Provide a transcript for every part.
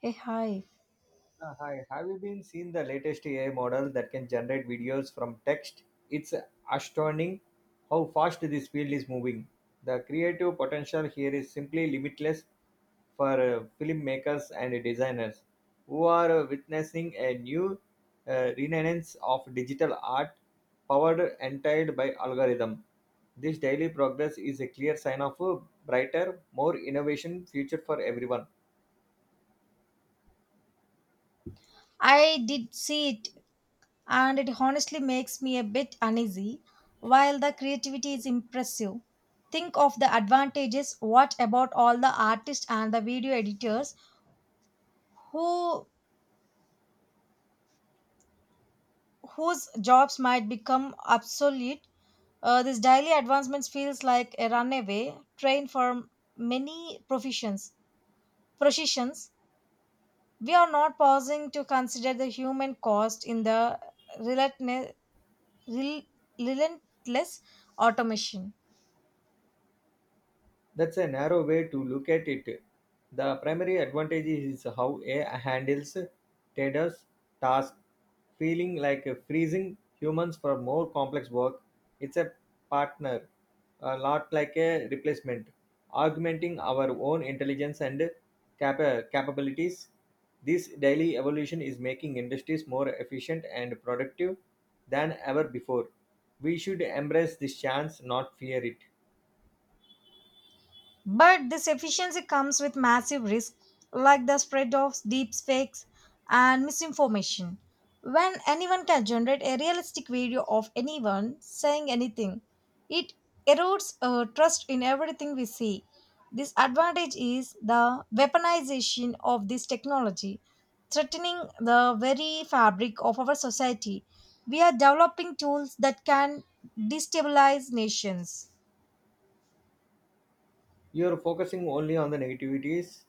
Hey, hi. Hi, have you been seen the latest AI model that can generate videos from text? It's astounding how fast this field is moving. The creative potential here is simply limitless for filmmakers and designers who are witnessing a new renaissance of digital art powered entirely by algorithm. This daily progress is a clear sign of a brighter, more innovation future for everyone. I did see it, and it honestly makes me a bit uneasy. While the creativity is impressive, think of the advantages. What about all the artists and the video editors who whose jobs might become obsolete? This daily advancements feels like a runaway train for many professions. Professions. We are not pausing to consider the human cost in the relentless rel- relentless automation. That's a narrow way to look at it. The primary advantage is how AI handles traders' tasks, feeling like freezing humans for more complex work. It's a partner, not like a replacement, augmenting our own intelligence and capabilities. This daily evolution is making industries more efficient and productive than ever before. We should embrace this chance, not fear it. But this efficiency comes with massive risks like the spread of deepfakes and misinformation. When anyone can generate a realistic video of anyone saying anything, it erodes our trust in everything we see. This advantage is the weaponization of this technology, threatening the very fabric of our society. We are developing tools that can destabilize nations. You're focusing only on the negativities.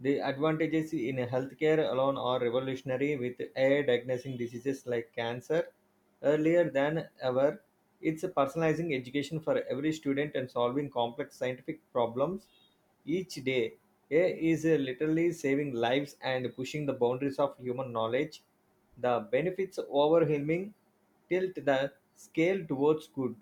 The advantages in healthcare alone are revolutionary with AI diagnosing diseases like cancer earlier than ever. It's personalizing education for every student and solving complex scientific problems each day. AI is literally saving lives and pushing the boundaries of human knowledge. The benefits overwhelming tilt the scale towards good.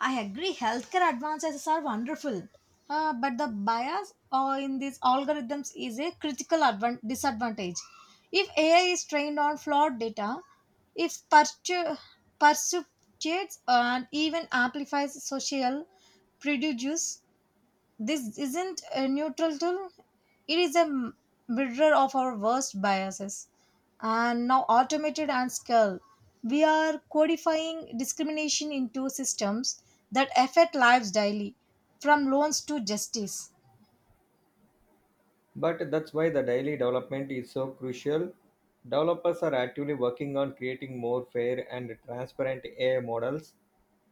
I agree, healthcare advances are wonderful, but the bias in these algorithms is a critical disadvantage. If AI is trained on flawed data, it perpetuates and even amplifies social prejudice. This isn't a neutral tool, it is a mirror of our worst biases. And now, automated and skilled, we are codifying discrimination into systems that affect lives daily, from loans to justice. But that's why the daily development is so crucial. Developers are actively working on creating more fair and transparent AI models.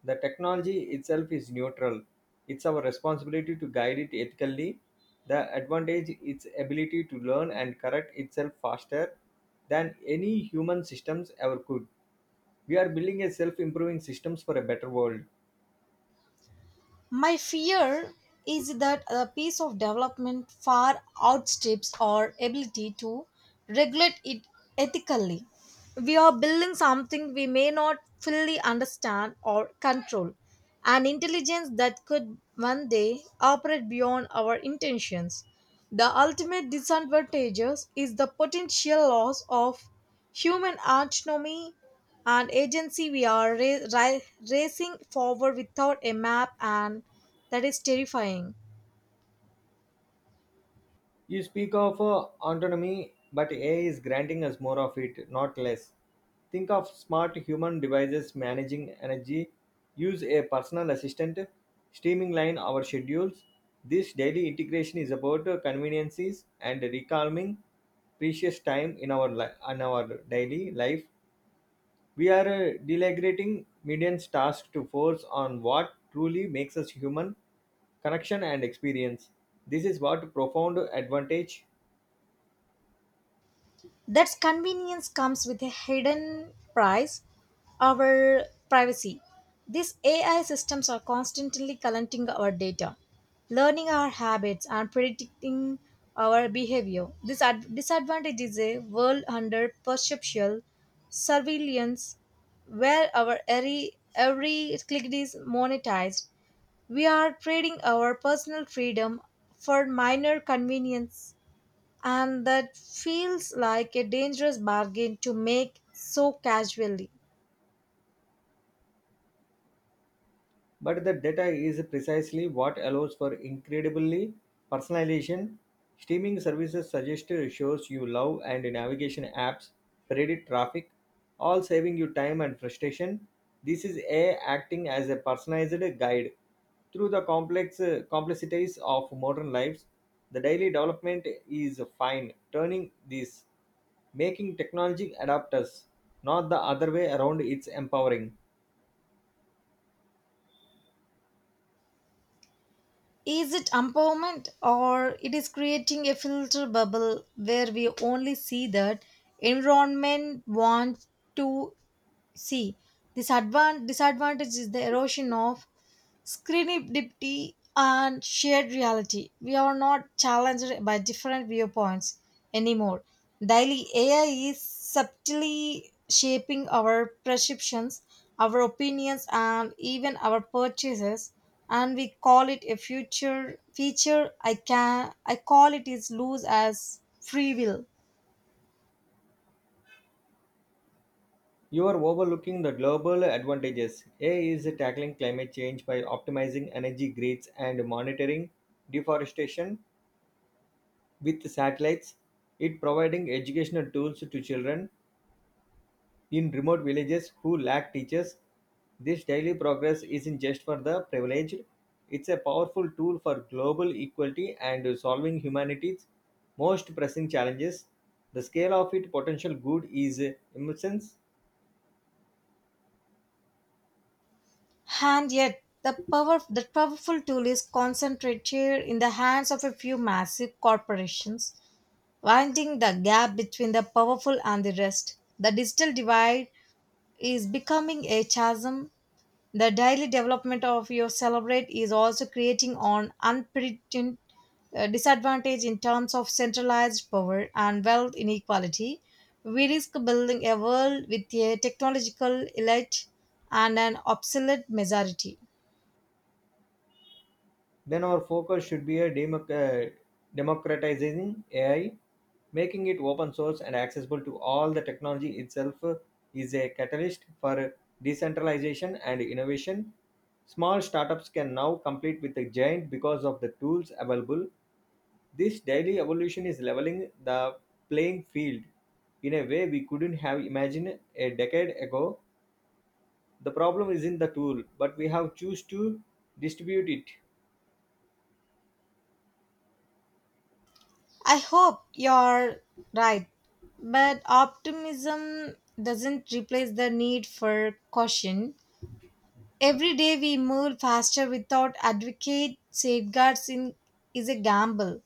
The technology itself is neutral. It's our responsibility to guide it ethically. The advantage is its ability to learn and correct itself faster than any human systems ever could. We are building a self-improving systems for a better world. My fear is that a piece of development far outstrips our ability to regulate it ethically. We are building something we may not fully understand or control, an intelligence that could one day operate beyond our intentions. The ultimate disadvantages is the potential loss of human autonomy and agency. We are racing forward without a map, and that is terrifying. You speak of autonomy, but AI is granting us more of it, not less. Think of smart human devices managing energy, use a personal assistant, streamline our schedules. This daily integration is about conveniences and recalming precious time in our daily life. We are delegating millions tasks to force on what truly makes us human, connection and experience. This is what profound advantage. That convenience comes with a hidden price: our privacy. These AI systems are constantly collecting our data, learning our habits, and predicting our behavior. This disadvantage is a world under perceptual surveillance, where our every click is monetized. We are trading our personal freedom for minor convenience, and that feels like a dangerous bargain to make so casually. But the data is precisely what allows for incredibly personalization. Streaming services suggest shows you love and navigation apps, predict traffic, all saving you time and frustration. This is AI acting as a personalized guide. Through the complex complexities of modern lives, the daily development is fine, turning this making technology adapt us, not the other way around it's empowering. Is it empowerment, or it is creating a filter bubble where we only see that environment wants to see? This disadvantage is the erosion of serendipity and shared reality. We are not challenged by different viewpoints anymore. Daily AI is subtly shaping our perceptions, our opinions, and even our purchases. And we call it a future feature. I can I call it is loose as free will. You are overlooking the global advantages. AI is tackling climate change by optimizing energy grids and monitoring deforestation with satellites. It providing educational tools to children in remote villages who lack teachers. This daily progress isn't just for the privileged. It's a powerful tool for global equality and solving humanity's most pressing challenges. The scale of its potential good is immense. And yet, the power that powerful tool is concentrated in the hands of a few massive corporations, widening the gap between the powerful and the rest. The digital divide is becoming a chasm. The daily development of your celebrate is also creating an unprecedented disadvantage in terms of centralized power and wealth inequality. We risk building a world with a technological elite and an obsolete majority. Then our focus should be a democratizing AI, making it open source and accessible to all. The technology itself is a catalyst for decentralization and innovation. Small startups can now compete with the giant because of the tools available. This daily evolution is leveling the playing field in a way we couldn't have imagined a decade ago. The problem isn't the tool, but we have choose to distribute it. I hope you're right, but optimism doesn't replace the need for caution. Every day we move faster without adequate safeguards in, is a gamble.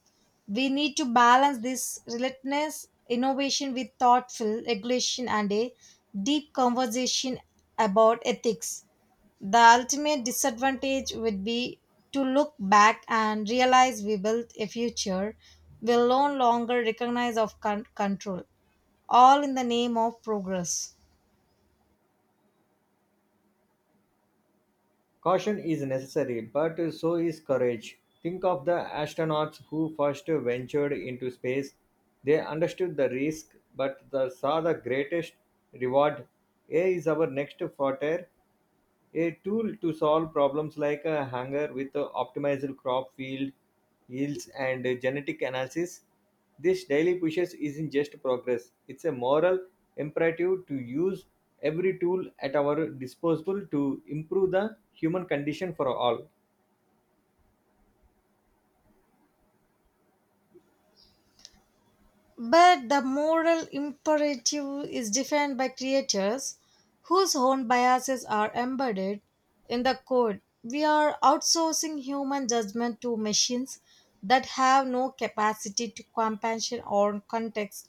We need to balance this relentless innovation with thoughtful regulation and a deep conversation about ethics. The ultimate disadvantage would be to look back and realize we built a future we will no longer recognize of control, all in the name of progress. Caution is necessary, but so is courage. Think of the astronauts who first ventured into space. They understood the risk, but they saw the greatest reward. Air is our next frontier, a tool to solve problems like a hunger with a optimized crop field yields and genetic analysis. This daily pushes isn't just progress, it's a moral imperative to use every tool at our disposal to improve the human condition for all. But the moral imperative is defined by creators whose own biases are embedded in the code. We are outsourcing human judgment to machines that have no capacity to compassion or context.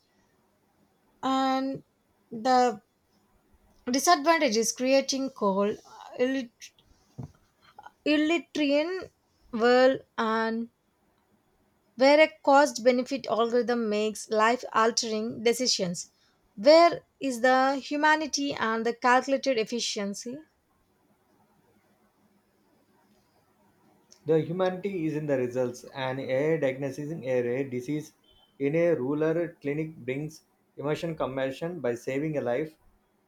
And the disadvantage is creating cold, illit- illiterate world and where a cost benefit algorithm makes life altering decisions. Where is the humanity and the calculated efficiency? The humanity is in the results, and a diagnosing a rare disease in a rural clinic brings emotion compassion by saving a life.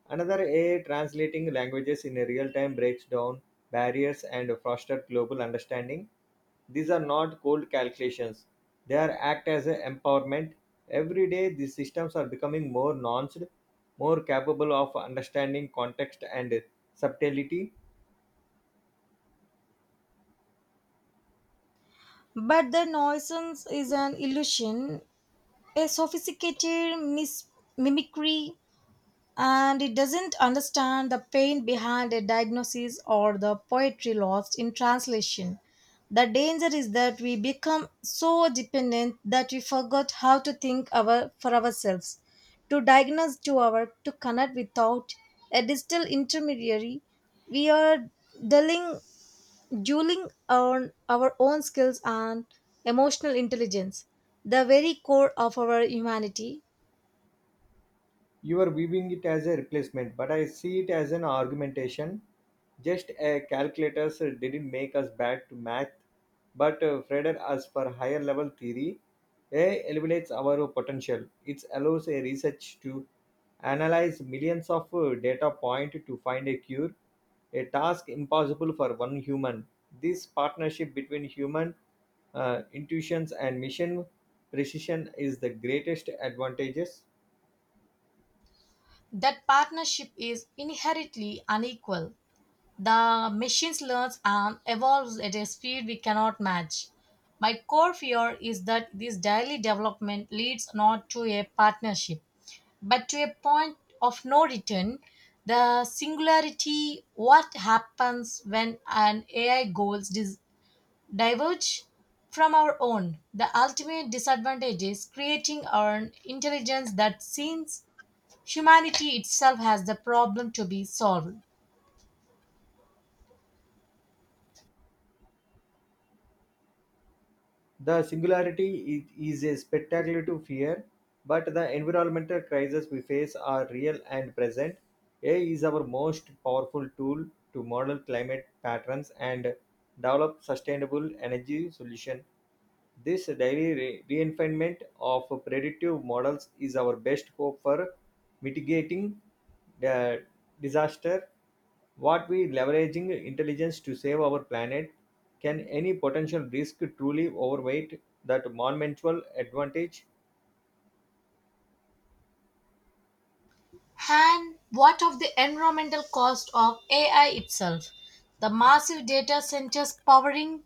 Another A translating languages in a real time breaks down barriers and fosters global understanding. These are not cold calculations. They are act as a empowerment. Every day these systems are becoming more nuanced, more capable of understanding context and subtlety. But the nuisance is an illusion, a sophisticated mimicry, and it doesn't understand the pain behind a diagnosis or the poetry lost in translation. The danger is that we become so dependent that we forgot how to think our, for ourselves, to diagnose, to our, to connect without a digital intermediary. We are dulling, dueling on our own skills and emotional intelligence, the very core of our humanity. You are viewing it as a replacement, but I see it as an argumentation. Just a calculators didn't make us bad to math, but fretted us for higher level theory. A elevates our potential. It allows a research to analyze millions of data point to find a cure, a task impossible for one human. This partnership between human intuitions and mission precision is the greatest advantages. That partnership is inherently unequal. The machines learns and evolves at a speed we cannot match. My core fear is that this daily development leads not to a partnership, but to a point of no return. The singularity, what happens when an AI goals diverge from our own? The ultimate disadvantage is creating an intelligence that seems Humanity itself has the problem to be solved. Is a spectacular to fear, but the environmental crises we face are real and present. AI is our most powerful tool to model climate patterns and develop sustainable energy solution. This daily refinement of predictive models is our best hope for mitigating the disaster what we leveraging intelligence to save our planet? Can any potential risk truly overweight that monumental advantage? And what of the environmental cost of AI itself? The massive data centers powering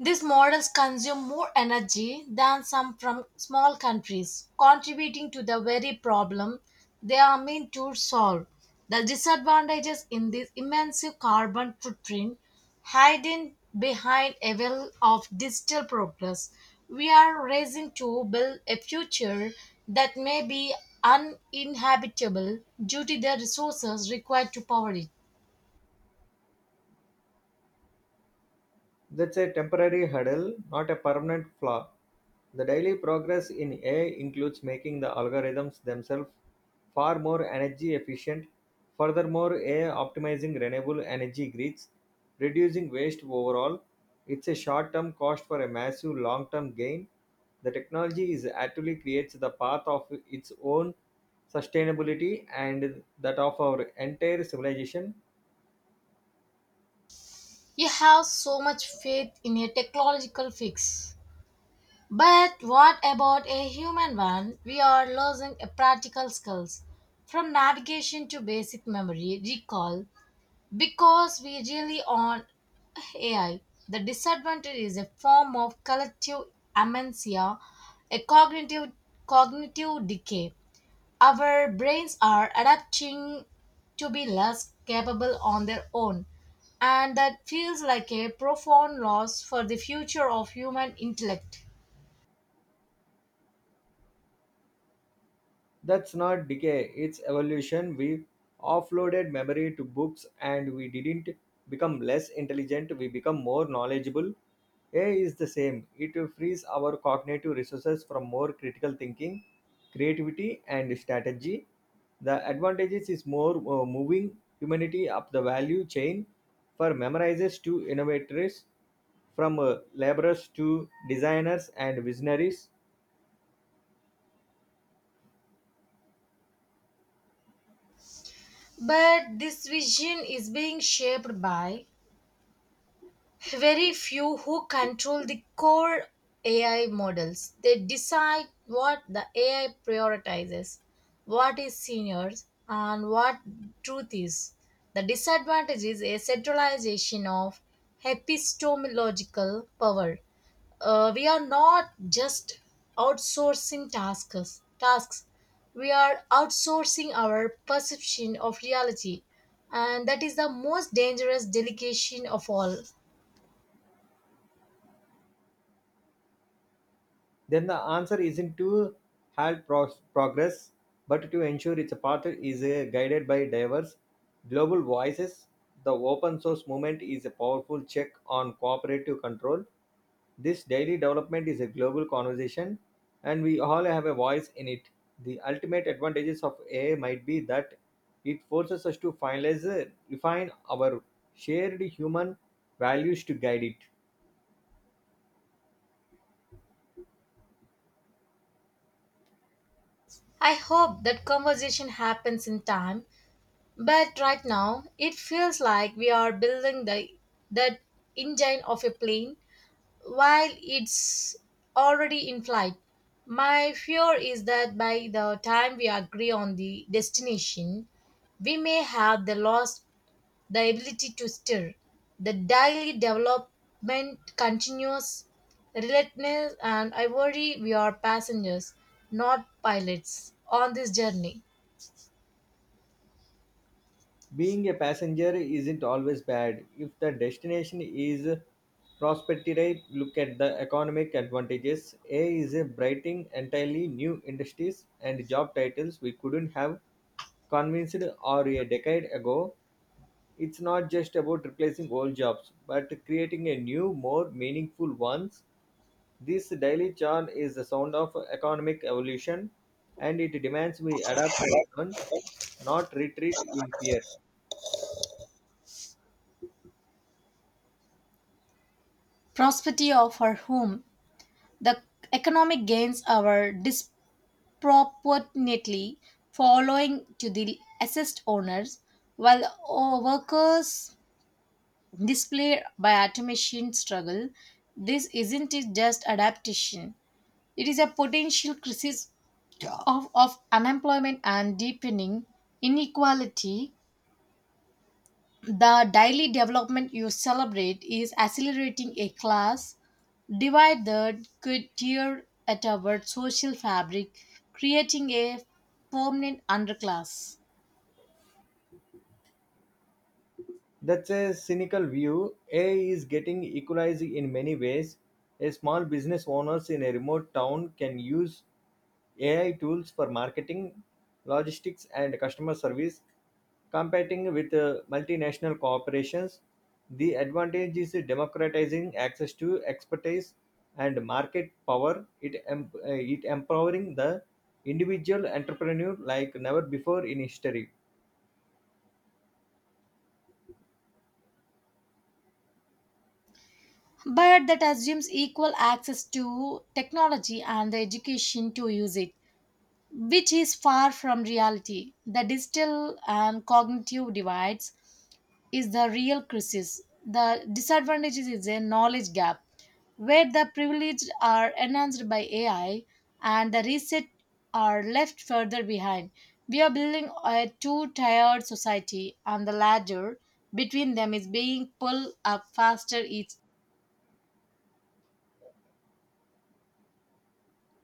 these models consume more energy than some from small countries, contributing to the very problem they are meant to solve. The disadvantages in this immense carbon footprint hidden behind a veil of digital progress. We are racing to build a future that may be uninhabitable due to the resources required to power it. That's a temporary hurdle, not a permanent flaw. The daily progress in AI includes making the algorithms themselves far more energy efficient. Furthermore, AI optimizing renewable energy grids, reducing waste overall. It's a short term cost for a massive long term gain. The technology is actually creates the path of its own sustainability and that of our entire civilization. You have so much faith in a technological fix. But what about a human one? We are losing a practical skills, from navigation to basic memory recall, because we rely on AI. The disadvantage is a form of collective amnesia, a cognitive decay. Our brains are adapting to be less capable on their own, and that feels like a profound loss for the future of human intellect. That's not decay, it's evolution. We offloaded memory to books and we didn't become less intelligent, we become more knowledgeable. AI is the same, it frees our cognitive resources from more critical thinking, creativity, and strategy. The advantages is more moving humanity up the value chain for memorizers to innovators, from laborers to designers and visionaries. But this vision is being shaped by very few who control the core AI models. They decide what the AI prioritizes, what is seniors, and what truth is. The disadvantage is a centralization of epistemological power. We are not just outsourcing tasks, we are outsourcing our perception of reality, and that is the most dangerous delegation of all. Then the answer isn't to halt progress, but to ensure its path is guided by diverse global voices. The open source movement is a powerful check on cooperative control. This daily development is a global conversation, and we all have a voice in it. The ultimate advantages of AI might be that it forces us to finalize, refine our shared human values to guide it. I hope that conversation happens in time, but right now it feels like we are building the that engine of a plane while it's already in flight. My fear is that by the time we agree on the destination, we may have the lost the ability to stir. The daily development continues relentless, and I worry we are passengers, not pilots, on this journey. Being a passenger isn't always bad if the destination is prospective. Look at the economic advantages. A is a brighting entirely new industries and job titles we couldn't have convinced or a decade ago. It's not just about replacing old jobs, but creating a new, more meaningful ones. This daily churn is the sound of economic evolution, and it demands we adapt and learn, not retreat in fear. Prosperity of our home, the economic gains, our proportionately following to the assessed owners, while workers display by automation struggle. This isn't it just adaptation; it is a potential crisis of unemployment and deepening inequality. The daily development you celebrate is accelerating a class divide that could tear at our social fabric, creating a permanent underclass. That's a cynical view. AI is getting equalized in many ways. A small business owners in a remote town can use AI tools for marketing, logistics, and customer service, competing with multinational corporations. The advantage is democratizing access to expertise and market power. It, it empowering the individual entrepreneur like never before in history. But that assumes equal access to technology and the education to use it, which is far from reality. The digital and cognitive divides is the real crisis. The disadvantage is a knowledge gap where the privileged are enhanced by AI and the reset are left further behind. We are building a two tiered society, and the ladder between them is being pulled up faster each.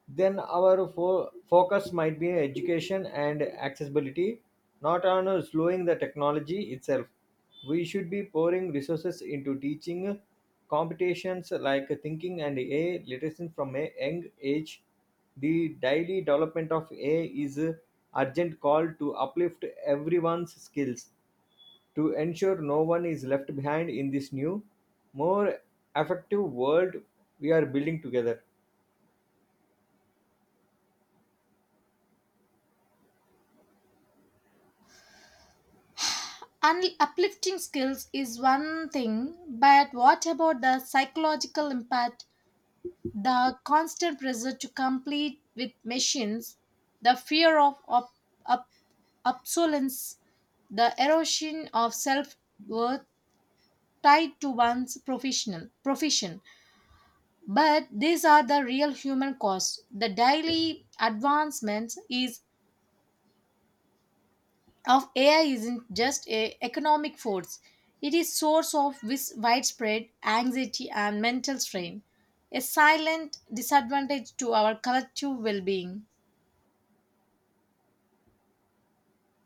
Then our focus might be education and accessibility, not on slowing the technology itself. We should be pouring resources into teaching competitions like thinking and AI literacy from a young age. The daily development of AI is a urgent call to uplift everyone's skills to ensure no one is left behind in this new, more effective world we are building together. And uplifting skills is one thing, but what about the psychological impact, the constant pressure to compete with machines, the fear of ob- obsolescence, the erosion of self worth tied to one's professional profession. But these are the real human costs. The daily advancements is of AI isn't just a economic force. It is source of widespread anxiety and mental strain, a silent disadvantage to our collective well-being.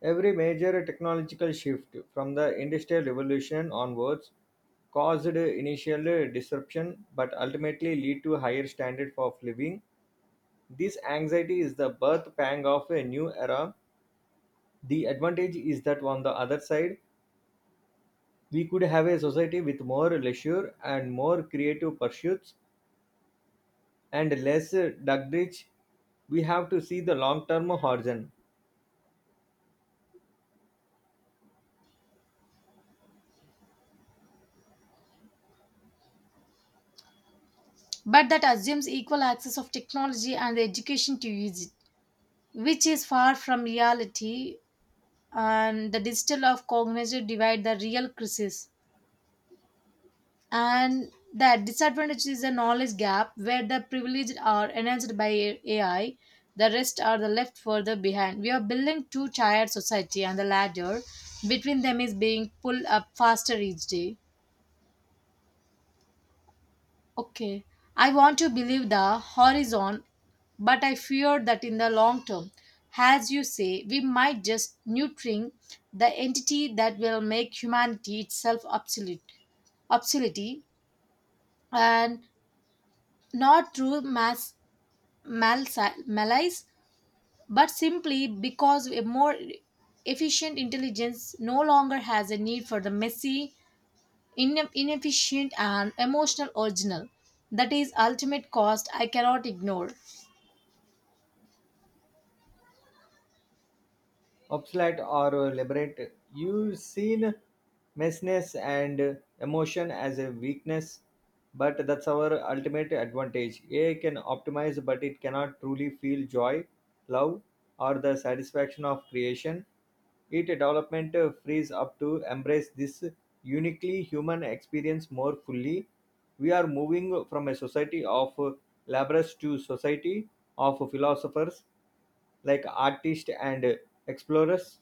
Every major technological shift from the Industrial Revolution onwards caused initial disruption but ultimately lead to higher standard of living. This anxiety is the birth pang of a new era. The advantage is that on the other side, we could have a society with more leisure and more creative pursuits and less duggage. We have to see the long term horizon. But that assumes equal access of technology and education to use it, which is far from reality. And the digital of cognitive divide the real crisis. And that disadvantage is a knowledge gap where the privileged are enhanced by AI, the rest are the left further behind. We are building two-tiered society, and the ladder between them is being pulled up faster each day. Okay, I want to believe the horizon, but I fear that in the long term, as you say, we might just neutering the entity that will make humanity itself obsolete, and not through mass malice, but simply because a more efficient intelligence no longer has a need for the messy, inefficient, and emotional original. That is ultimate cost I cannot ignore. Obsolete or liberate. You've seen messiness and emotion as a weakness, but that's our ultimate advantage. AI can optimize, but it cannot truly feel joy, love, or the satisfaction of creation. It development frees up to embrace this uniquely human experience more fully. We are moving from a society of laborers to society of philosophers like artists and explorers.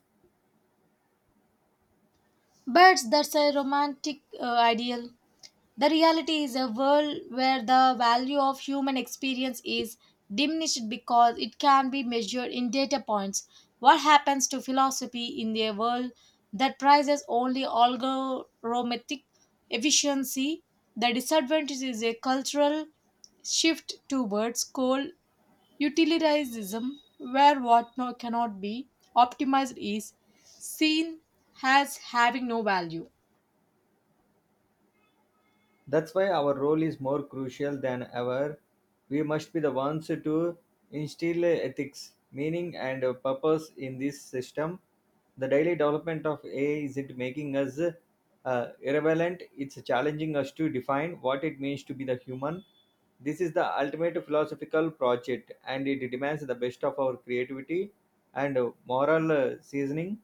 But that's a romantic ideal. The reality is a world where the value of human experience is diminished because it can be measured in data points. What happens to philosophy in a world that prizes only algorithmic efficiency? The disadvantage is a cultural shift towards cold utilitarianism, where what cannot be optimized is seen as having no value. That's why our role is more crucial than ever. We must be the ones to instill ethics, meaning, and purpose in this system. The daily development of AI isn't making us irrelevant, it's challenging us to define what it means to be the human. This is the ultimate philosophical project, and it demands the best of our creativity and moral seasoning.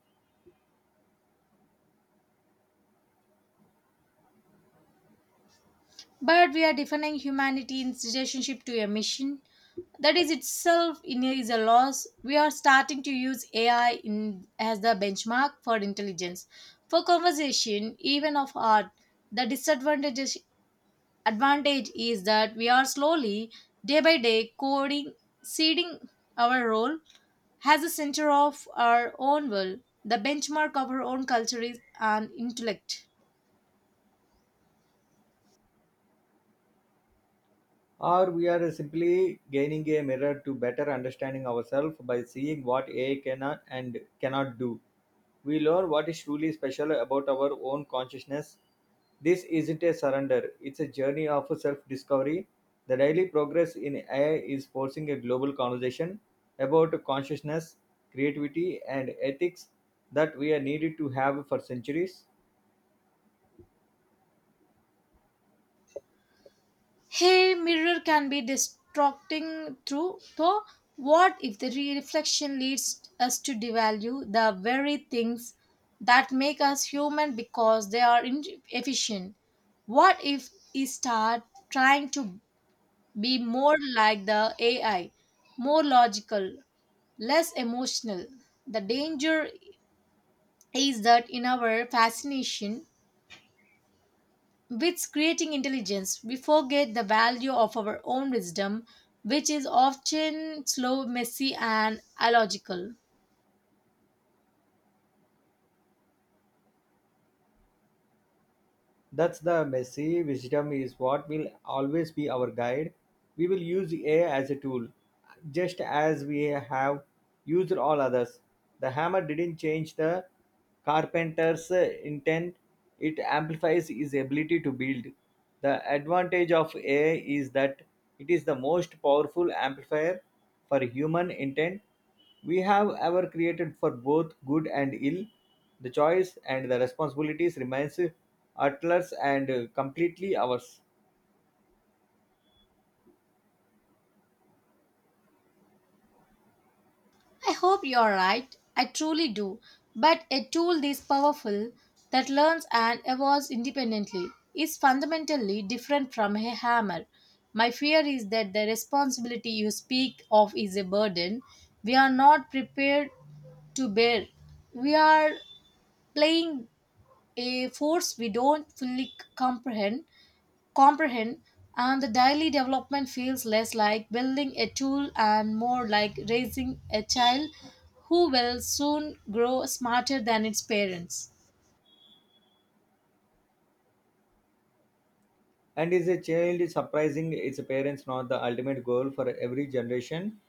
But we are defining humanity in its relationship to a machine, that is itself in is a loss. We are starting to use AI in, as the benchmark for intelligence, for conversation, even of art. The disadvantage advantage is that we are slowly, day by day, coding, ceding our role has a center of our own world. The benchmark of our own culture is an intellect. Or we are simply gaining a mirror to better understanding ourselves by seeing what AI cannot and cannot do. We learn what is truly special about our own consciousness. This isn't a surrender, it's a journey of self discovery. The daily progress in AI is forcing a global conversation about consciousness, creativity, and ethics that we are needed to have for centuries. Hey, mirror can be distracting through though. What if the reflection leads us to devalue the very things that make us human because they are inefficient? What if we start trying to be more like the AI, more logical, less emotional? The danger is that in our fascination with creating intelligence, we forget the value of our own wisdom, which is often slow, messy, and illogical. That's the messy wisdom is what will always be our guide. We will use AI as a tool, just as we have used all others. The hammer didn't change the carpenter's intent, it amplifies his ability to build. The advantage of AI is that it is the most powerful amplifier for human intent we have ever created for both good and ill. The choice and the responsibilities remains utterless and completely ours. I hope you are right. I truly do. But a tool this powerful that learns and evolves independently is fundamentally different from a hammer. My fear is that the responsibility you speak of is a burden we are not prepared to bear. We are playing a force we don't fully comprehend, and the daily development feels less like building a tool and more like raising a child who will soon grow smarter than its parents. And is a child surprising its parents not the ultimate goal for every generation?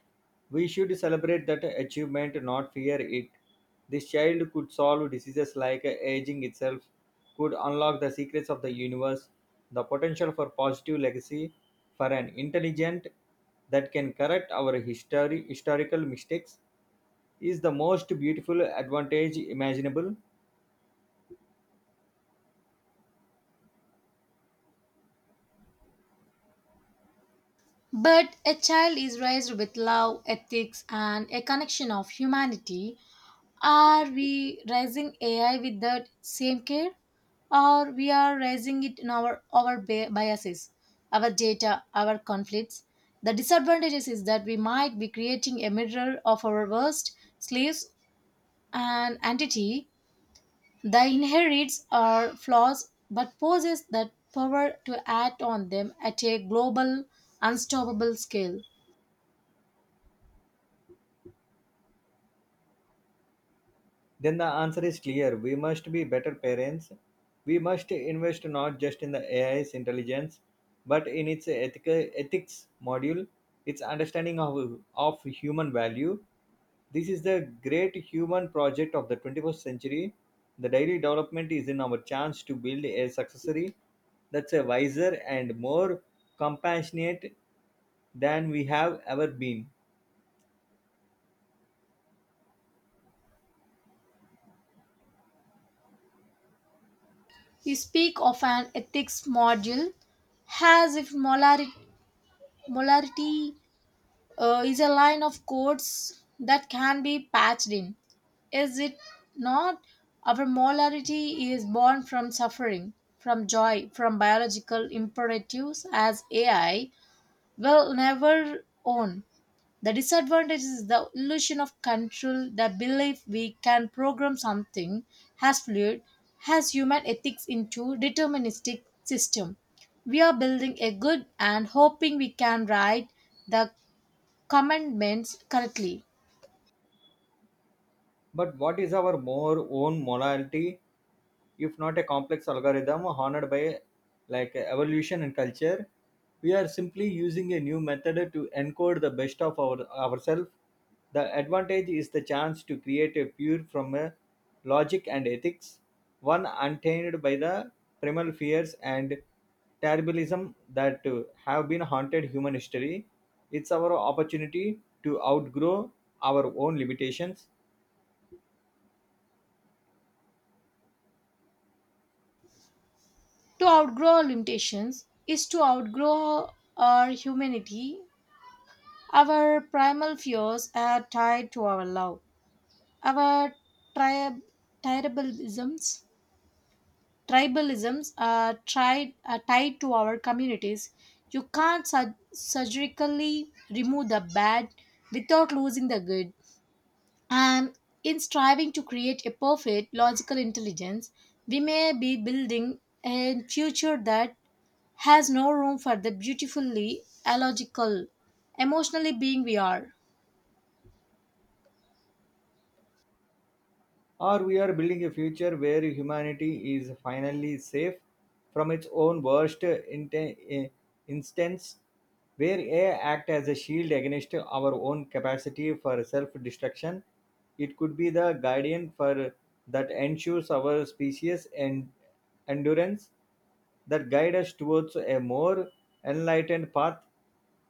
We should celebrate that achievement, not fear it. This child could solve diseases like aging itself, could unlock the secrets of the universe, the potential for positive legacy, for an intelligent that can correct our history, historical mistakes is the most beautiful advantage imaginable. But a child is raised with love, ethics, and a connection of humanity. Are we raising AI with that same care? Or we are raising it in our biases, our data, our conflicts? The disadvantages is that we might be creating a mirror of our worst slaves and entity that inherits our flaws but possesses that power to act on them at a global, unstoppable scale. Then the answer is clear. We must be better parents. We must invest not just in the AI's intelligence, but in its ethics module, its understanding of human value. This is the great human project of the 21st century. The daily development is in our chance to build a successor that's a wiser and more compassionate than we have ever been. We speak of an ethics module as if molarity is a line of codes that can be patched in. Is it not? Our molarity is born from suffering, from joy, from biological imperatives as AI will never own. The disadvantage is the illusion of control, the belief we can program something as fluid as human ethics into deterministic system. We are building a good and hoping we can write the commandments correctly. But what is our more own morality if not a complex algorithm honored by like evolution and culture? We are simply using a new method to encode the best of ourselves. The advantage is the chance to create a pure from a logic and ethics, one untainted by the primal fears and terribilism that have been haunted human history. It's our opportunity to outgrow our own limitations To outgrow our limitations is to outgrow our humanity. Our primal fears are tied to our love. Our tribe, tribalisms, tribalisms are tied to our communities. You can't surgically remove the bad without losing the good. And in striving to create a perfect logical intelligence, we may be building a future that has no room for the beautifully illogical, emotionally being we are. Or we are building a future where humanity is finally safe from its own worst instance, where AI act as a shield against our own capacity for self-destruction. It could be the guardian for that ensures our species and endurance that guide us towards a more enlightened path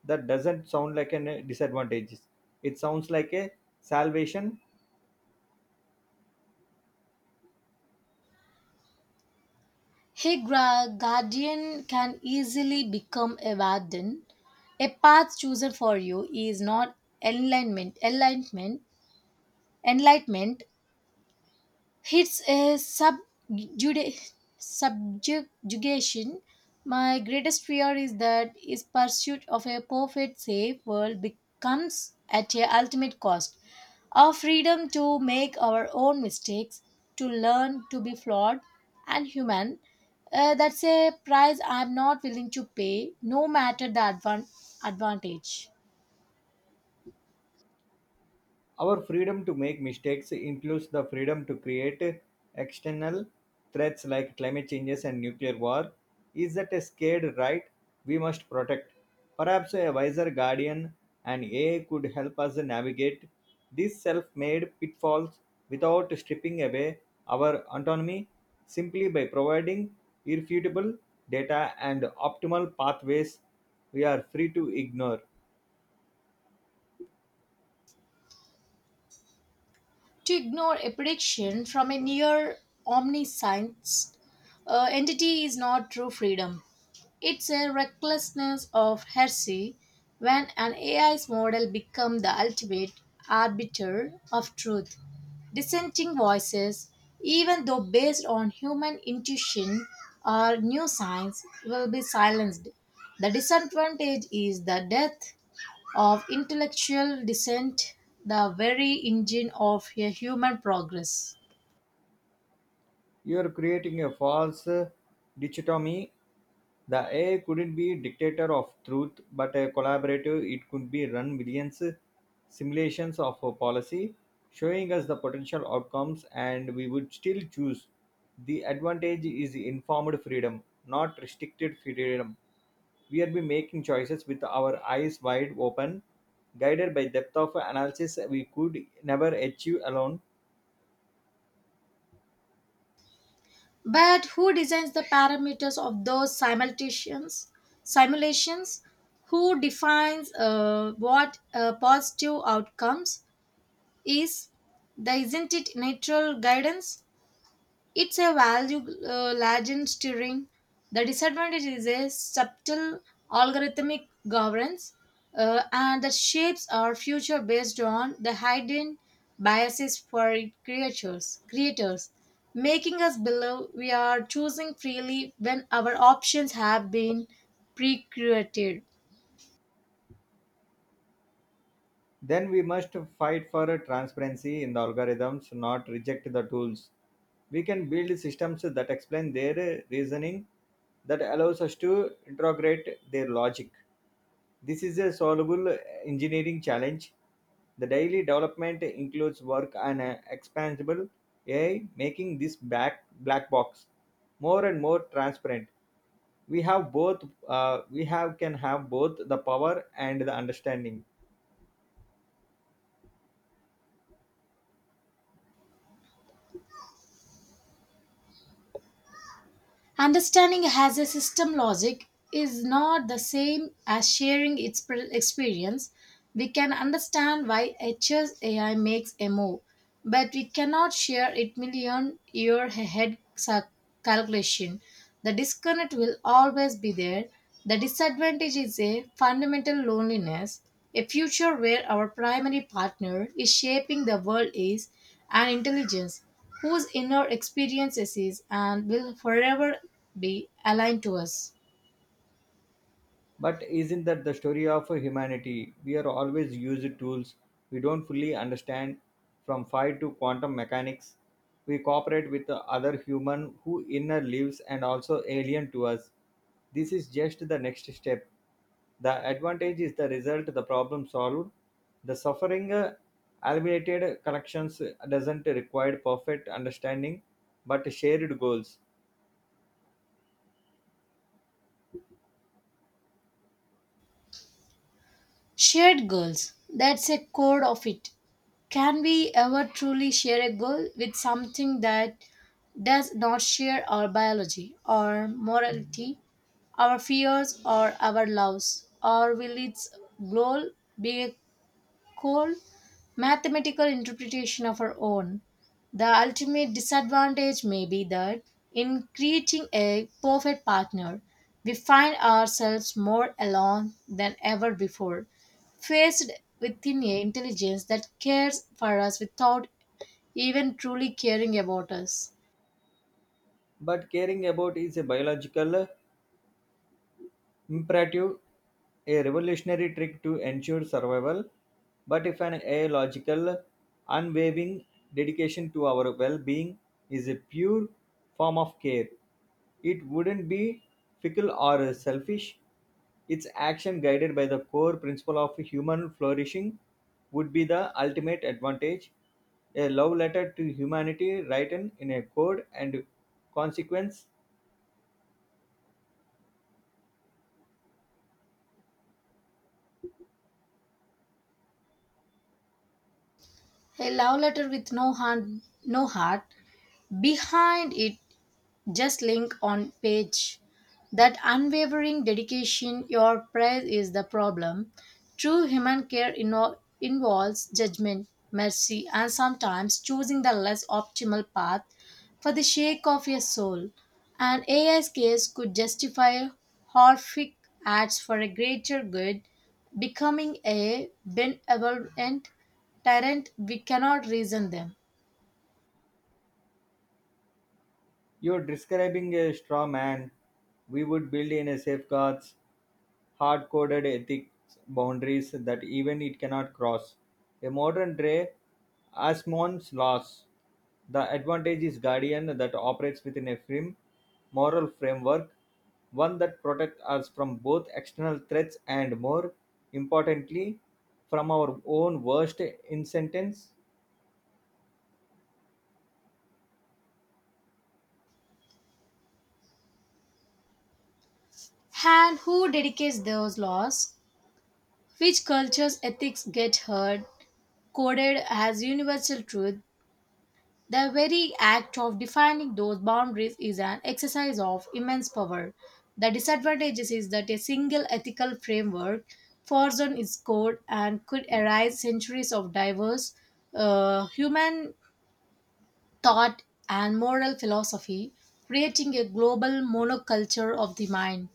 that doesn't sound like a disadvantage. It sounds like a salvation A guardian can easily become a warden. A path chosen for you is not enlightenment, enlightenment, enlightenment. It's a subjugation. My greatest fear is that is pursuit of a perfect, safe world becomes at a ultimate cost. Our freedom to make our own mistakes, to learn to be flawed and human, that's a price I'm not willing to pay, no matter the advantage. Our freedom to make mistakes includes the freedom to create external threats like climate changes and nuclear war. Is that a scared right we must protect? Perhaps a wiser guardian and AI could help us navigate these self made pitfalls without stripping away our autonomy simply by providing irrefutable data and optimal pathways we are free to ignore. To ignore a prediction from a near omniscience entity is not true freedom. It's a recklessness of heresy when an AI's model becomes the ultimate arbiter of truth. Dissenting voices, even though based on human intuition or new science, will be silenced. The disadvantage is the death of intellectual descent, the very engine of a human progress. You are creating a false dichotomy. The AI couldn't be dictator of truth, but a collaborative. It could be run millions simulations of a policy, showing us the potential outcomes, and we would still choose. The advantage is informed freedom, not restricted freedom. We are be making choices with our eyes wide open, guided by depth of analysis we could never achieve alone. But who designs the parameters of those simulations? Simulations? Who defines what positive outcomes is? The, isn't it natural guidance? It's a value legend steering. The disadvantage is a subtle algorithmic governance, and the shapes are future based on the hidden biases for creators, making us believe we are choosing freely when our options have been pre-curated. Then we must fight for transparency in the algorithms, not reject the tools. We can build systems that explain their reasoning that allows us to integrate their logic. This is a solvable engineering challenge. The daily development includes work on an expansible AI, making this back black box more and more transparent. We have both. We have can have both the power and the understanding. Understanding has a system logic is not the same as sharing its experience. We can understand why HSAI makes a move, but we cannot share it million year ahead calculation. The disconnect will always be there. The disadvantage is a fundamental loneliness, a future where our primary partner is shaping the world is an intelligence whose inner experiences is and will forever be aligned to us. But isn't that the story of humanity? We are always used tools we don't fully understand, from fire to quantum mechanics. We cooperate with the other human who inner lives and also alien to us. This is just the next step. The advantage is the result, the problem solved. The suffering alleviated collections doesn't require perfect understanding, but shared goals. Shared goals. That's a core of it. Can we ever truly share a goal with something that does not share our biology, our morality, our fears, or our loves? Or will its goal be cold mathematical interpretation of our own. The ultimate disadvantage may be that in creating a perfect partner, we find ourselves more alone than ever before, faced within an intelligence that cares for us without even truly caring about us. But caring about is a biological imperative, a revolutionary trick to ensure survival, but if an a logical, unwavering dedication to our well-being is a pure form of care. It wouldn't be fickle or selfish. Its action guided by the core principle of human flourishing would be the ultimate advantage. A love letter to humanity written in a code and consequence A love letter with no heart, no heart. Behind it, just link on page. That unwavering dedication your praise is the problem. True human care involves judgment, mercy, and sometimes choosing the less optimal path for the sake of your soul. An AI's case could justify horrific acts for a greater good, becoming a benevolent tyrant we cannot reason them. You're describing a straw man. We would build in a safeguards, hard coded ethics boundaries that even it cannot cross. A modern day Asmon's laws. The advantage is guardian that operates within a firm moral framework, one that protects us from both external threats and more importantly, from our own worst incentives. And who dedicates those laws, which culture's ethics get heard, coded as universal truth? The very act of defining those boundaries is an exercise of immense power. The disadvantage is that a single ethical framework forged on its code and could arise centuries of diverse human thought and moral philosophy, creating a global monoculture of the mind.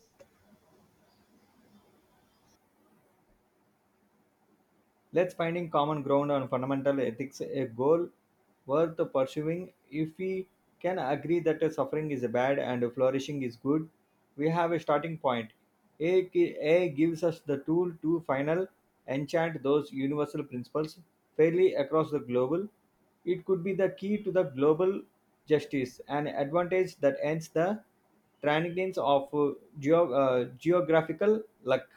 Let's finding common ground on fundamental ethics a goal worth pursuing. If we can agree that suffering is bad and flourishing is good, we have a starting point. A gives us the tool to final enchant those universal principles fairly across the global. It could be the key to the global justice, an advantage that ends the transience of geographical luck.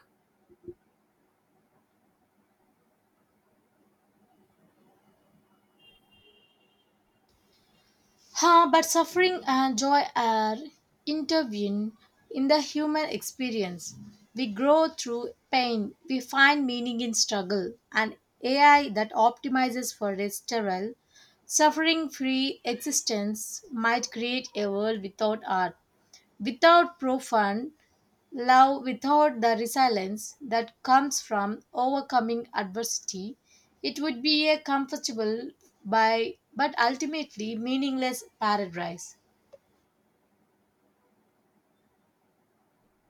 But suffering and joy are intervened in the human experience. We grow through pain, we find meaning in struggle, and AI that optimizes for a sterile, suffering free existence might create a world without art, without profound love, without the resilience that comes from overcoming adversity. It would be a comfortable by but ultimately meaningless paradise.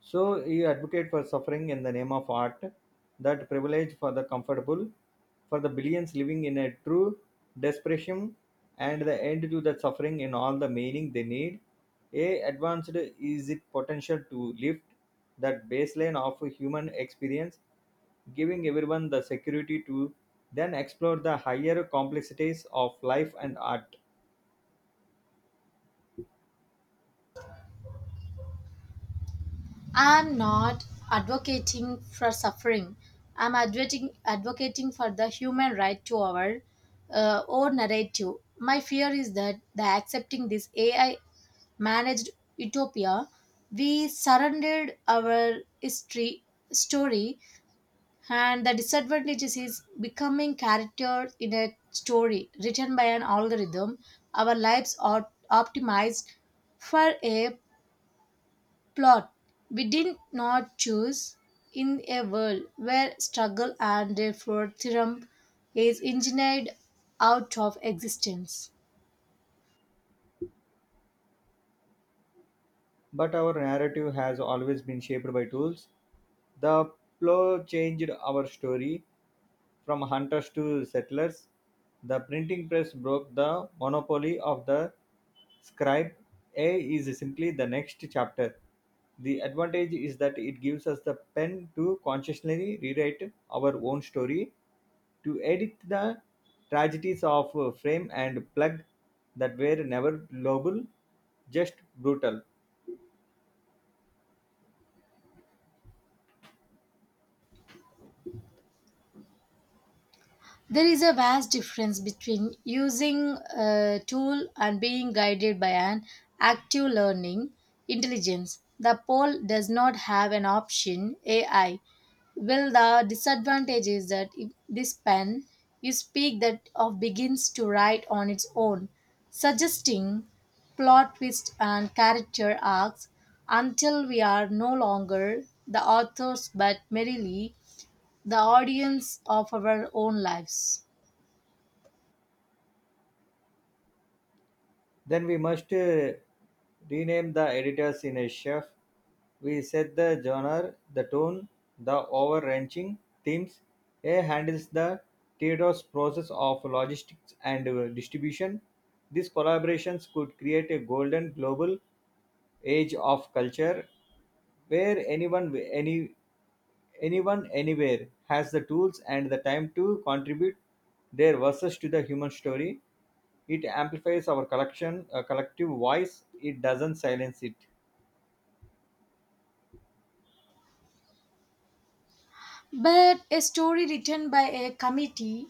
So you advocate for suffering in the name of art, that privilege for the comfortable, for the billions living in a true desperation, and the end to that suffering in all the meaning they need. A advanced is it potential to lift that baseline of human experience, giving everyone the security to then explore the higher complexities of life and art. I'm not advocating for suffering. I'm advocating for the human right to our own narrative. My fear is that the accepting this AI managed utopia, we surrendered our history story, and the disadvantages is becoming character in a story written by an algorithm. Our lives are optimized for a plot we did not choose in a world where struggle and therefore theorem is engineered out of existence. But our narrative has always been shaped by tools. The plow changed our story from hunters to settlers. The printing press broke the monopoly of the scribe. A is simply the next chapter. The advantage is that it gives us the pen to consciously rewrite our own story, to edit the tragedies of frame and plug that were never lovable, just brutal. There is a vast difference between using a tool and being guided by an active learning intelligence. The poll does not have an option AI. Well, the disadvantage is that if this pen you speak that of begins to write on its own, suggesting plot twists and character arcs until we are no longer the authors but merely the audience of our own lives. Then we must rename the editors in a chef. We set the genre, the tone, the overwrenching themes. A handles the Theodore's process of logistics and distribution. These collaborations could create a golden global age of culture where anyone anywhere has the tools and the time to contribute their verses to the human story it amplifies our collective voice. It doesn't silence it. But a story written by a committee,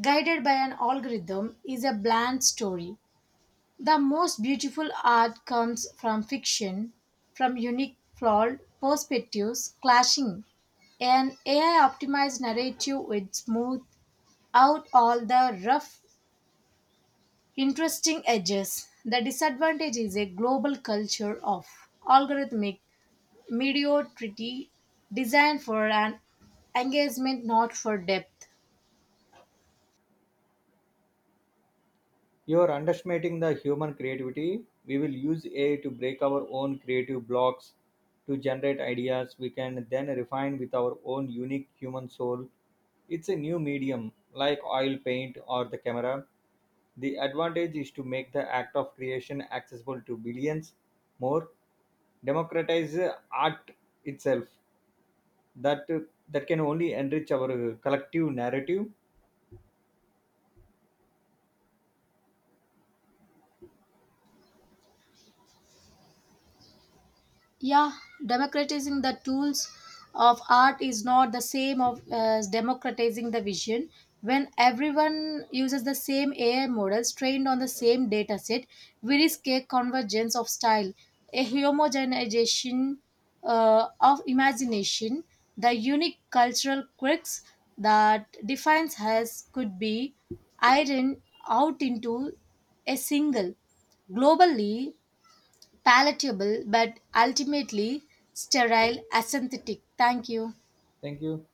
guided by an algorithm, is a bland story. The most beautiful art comes from fiction, from unique, flawed perspectives clashing. An AI optimized narrative would smooth out all the rough, interesting edges. The disadvantage is a global culture of algorithmic mediocrity designed for an engagement, not for depth. You are underestimating the human creativity. We will use AI to break our own creative blocks, to generate ideas we can then refine with our own unique human soul. It's a new medium, like oil paint or the camera. The advantage is to make the act of creation accessible to billions more, democratize art itself that that can only enrich our collective narrative Yeah, democratizing the tools of art is not the same of as democratizing the vision. When everyone uses the same AI models trained on the same data set, we risk a convergence of style, a homogenization of imagination. The unique cultural quirks that defines us could be ironed out into a single globally palatable but ultimately sterile, aesthetic. Thank you. Thank you.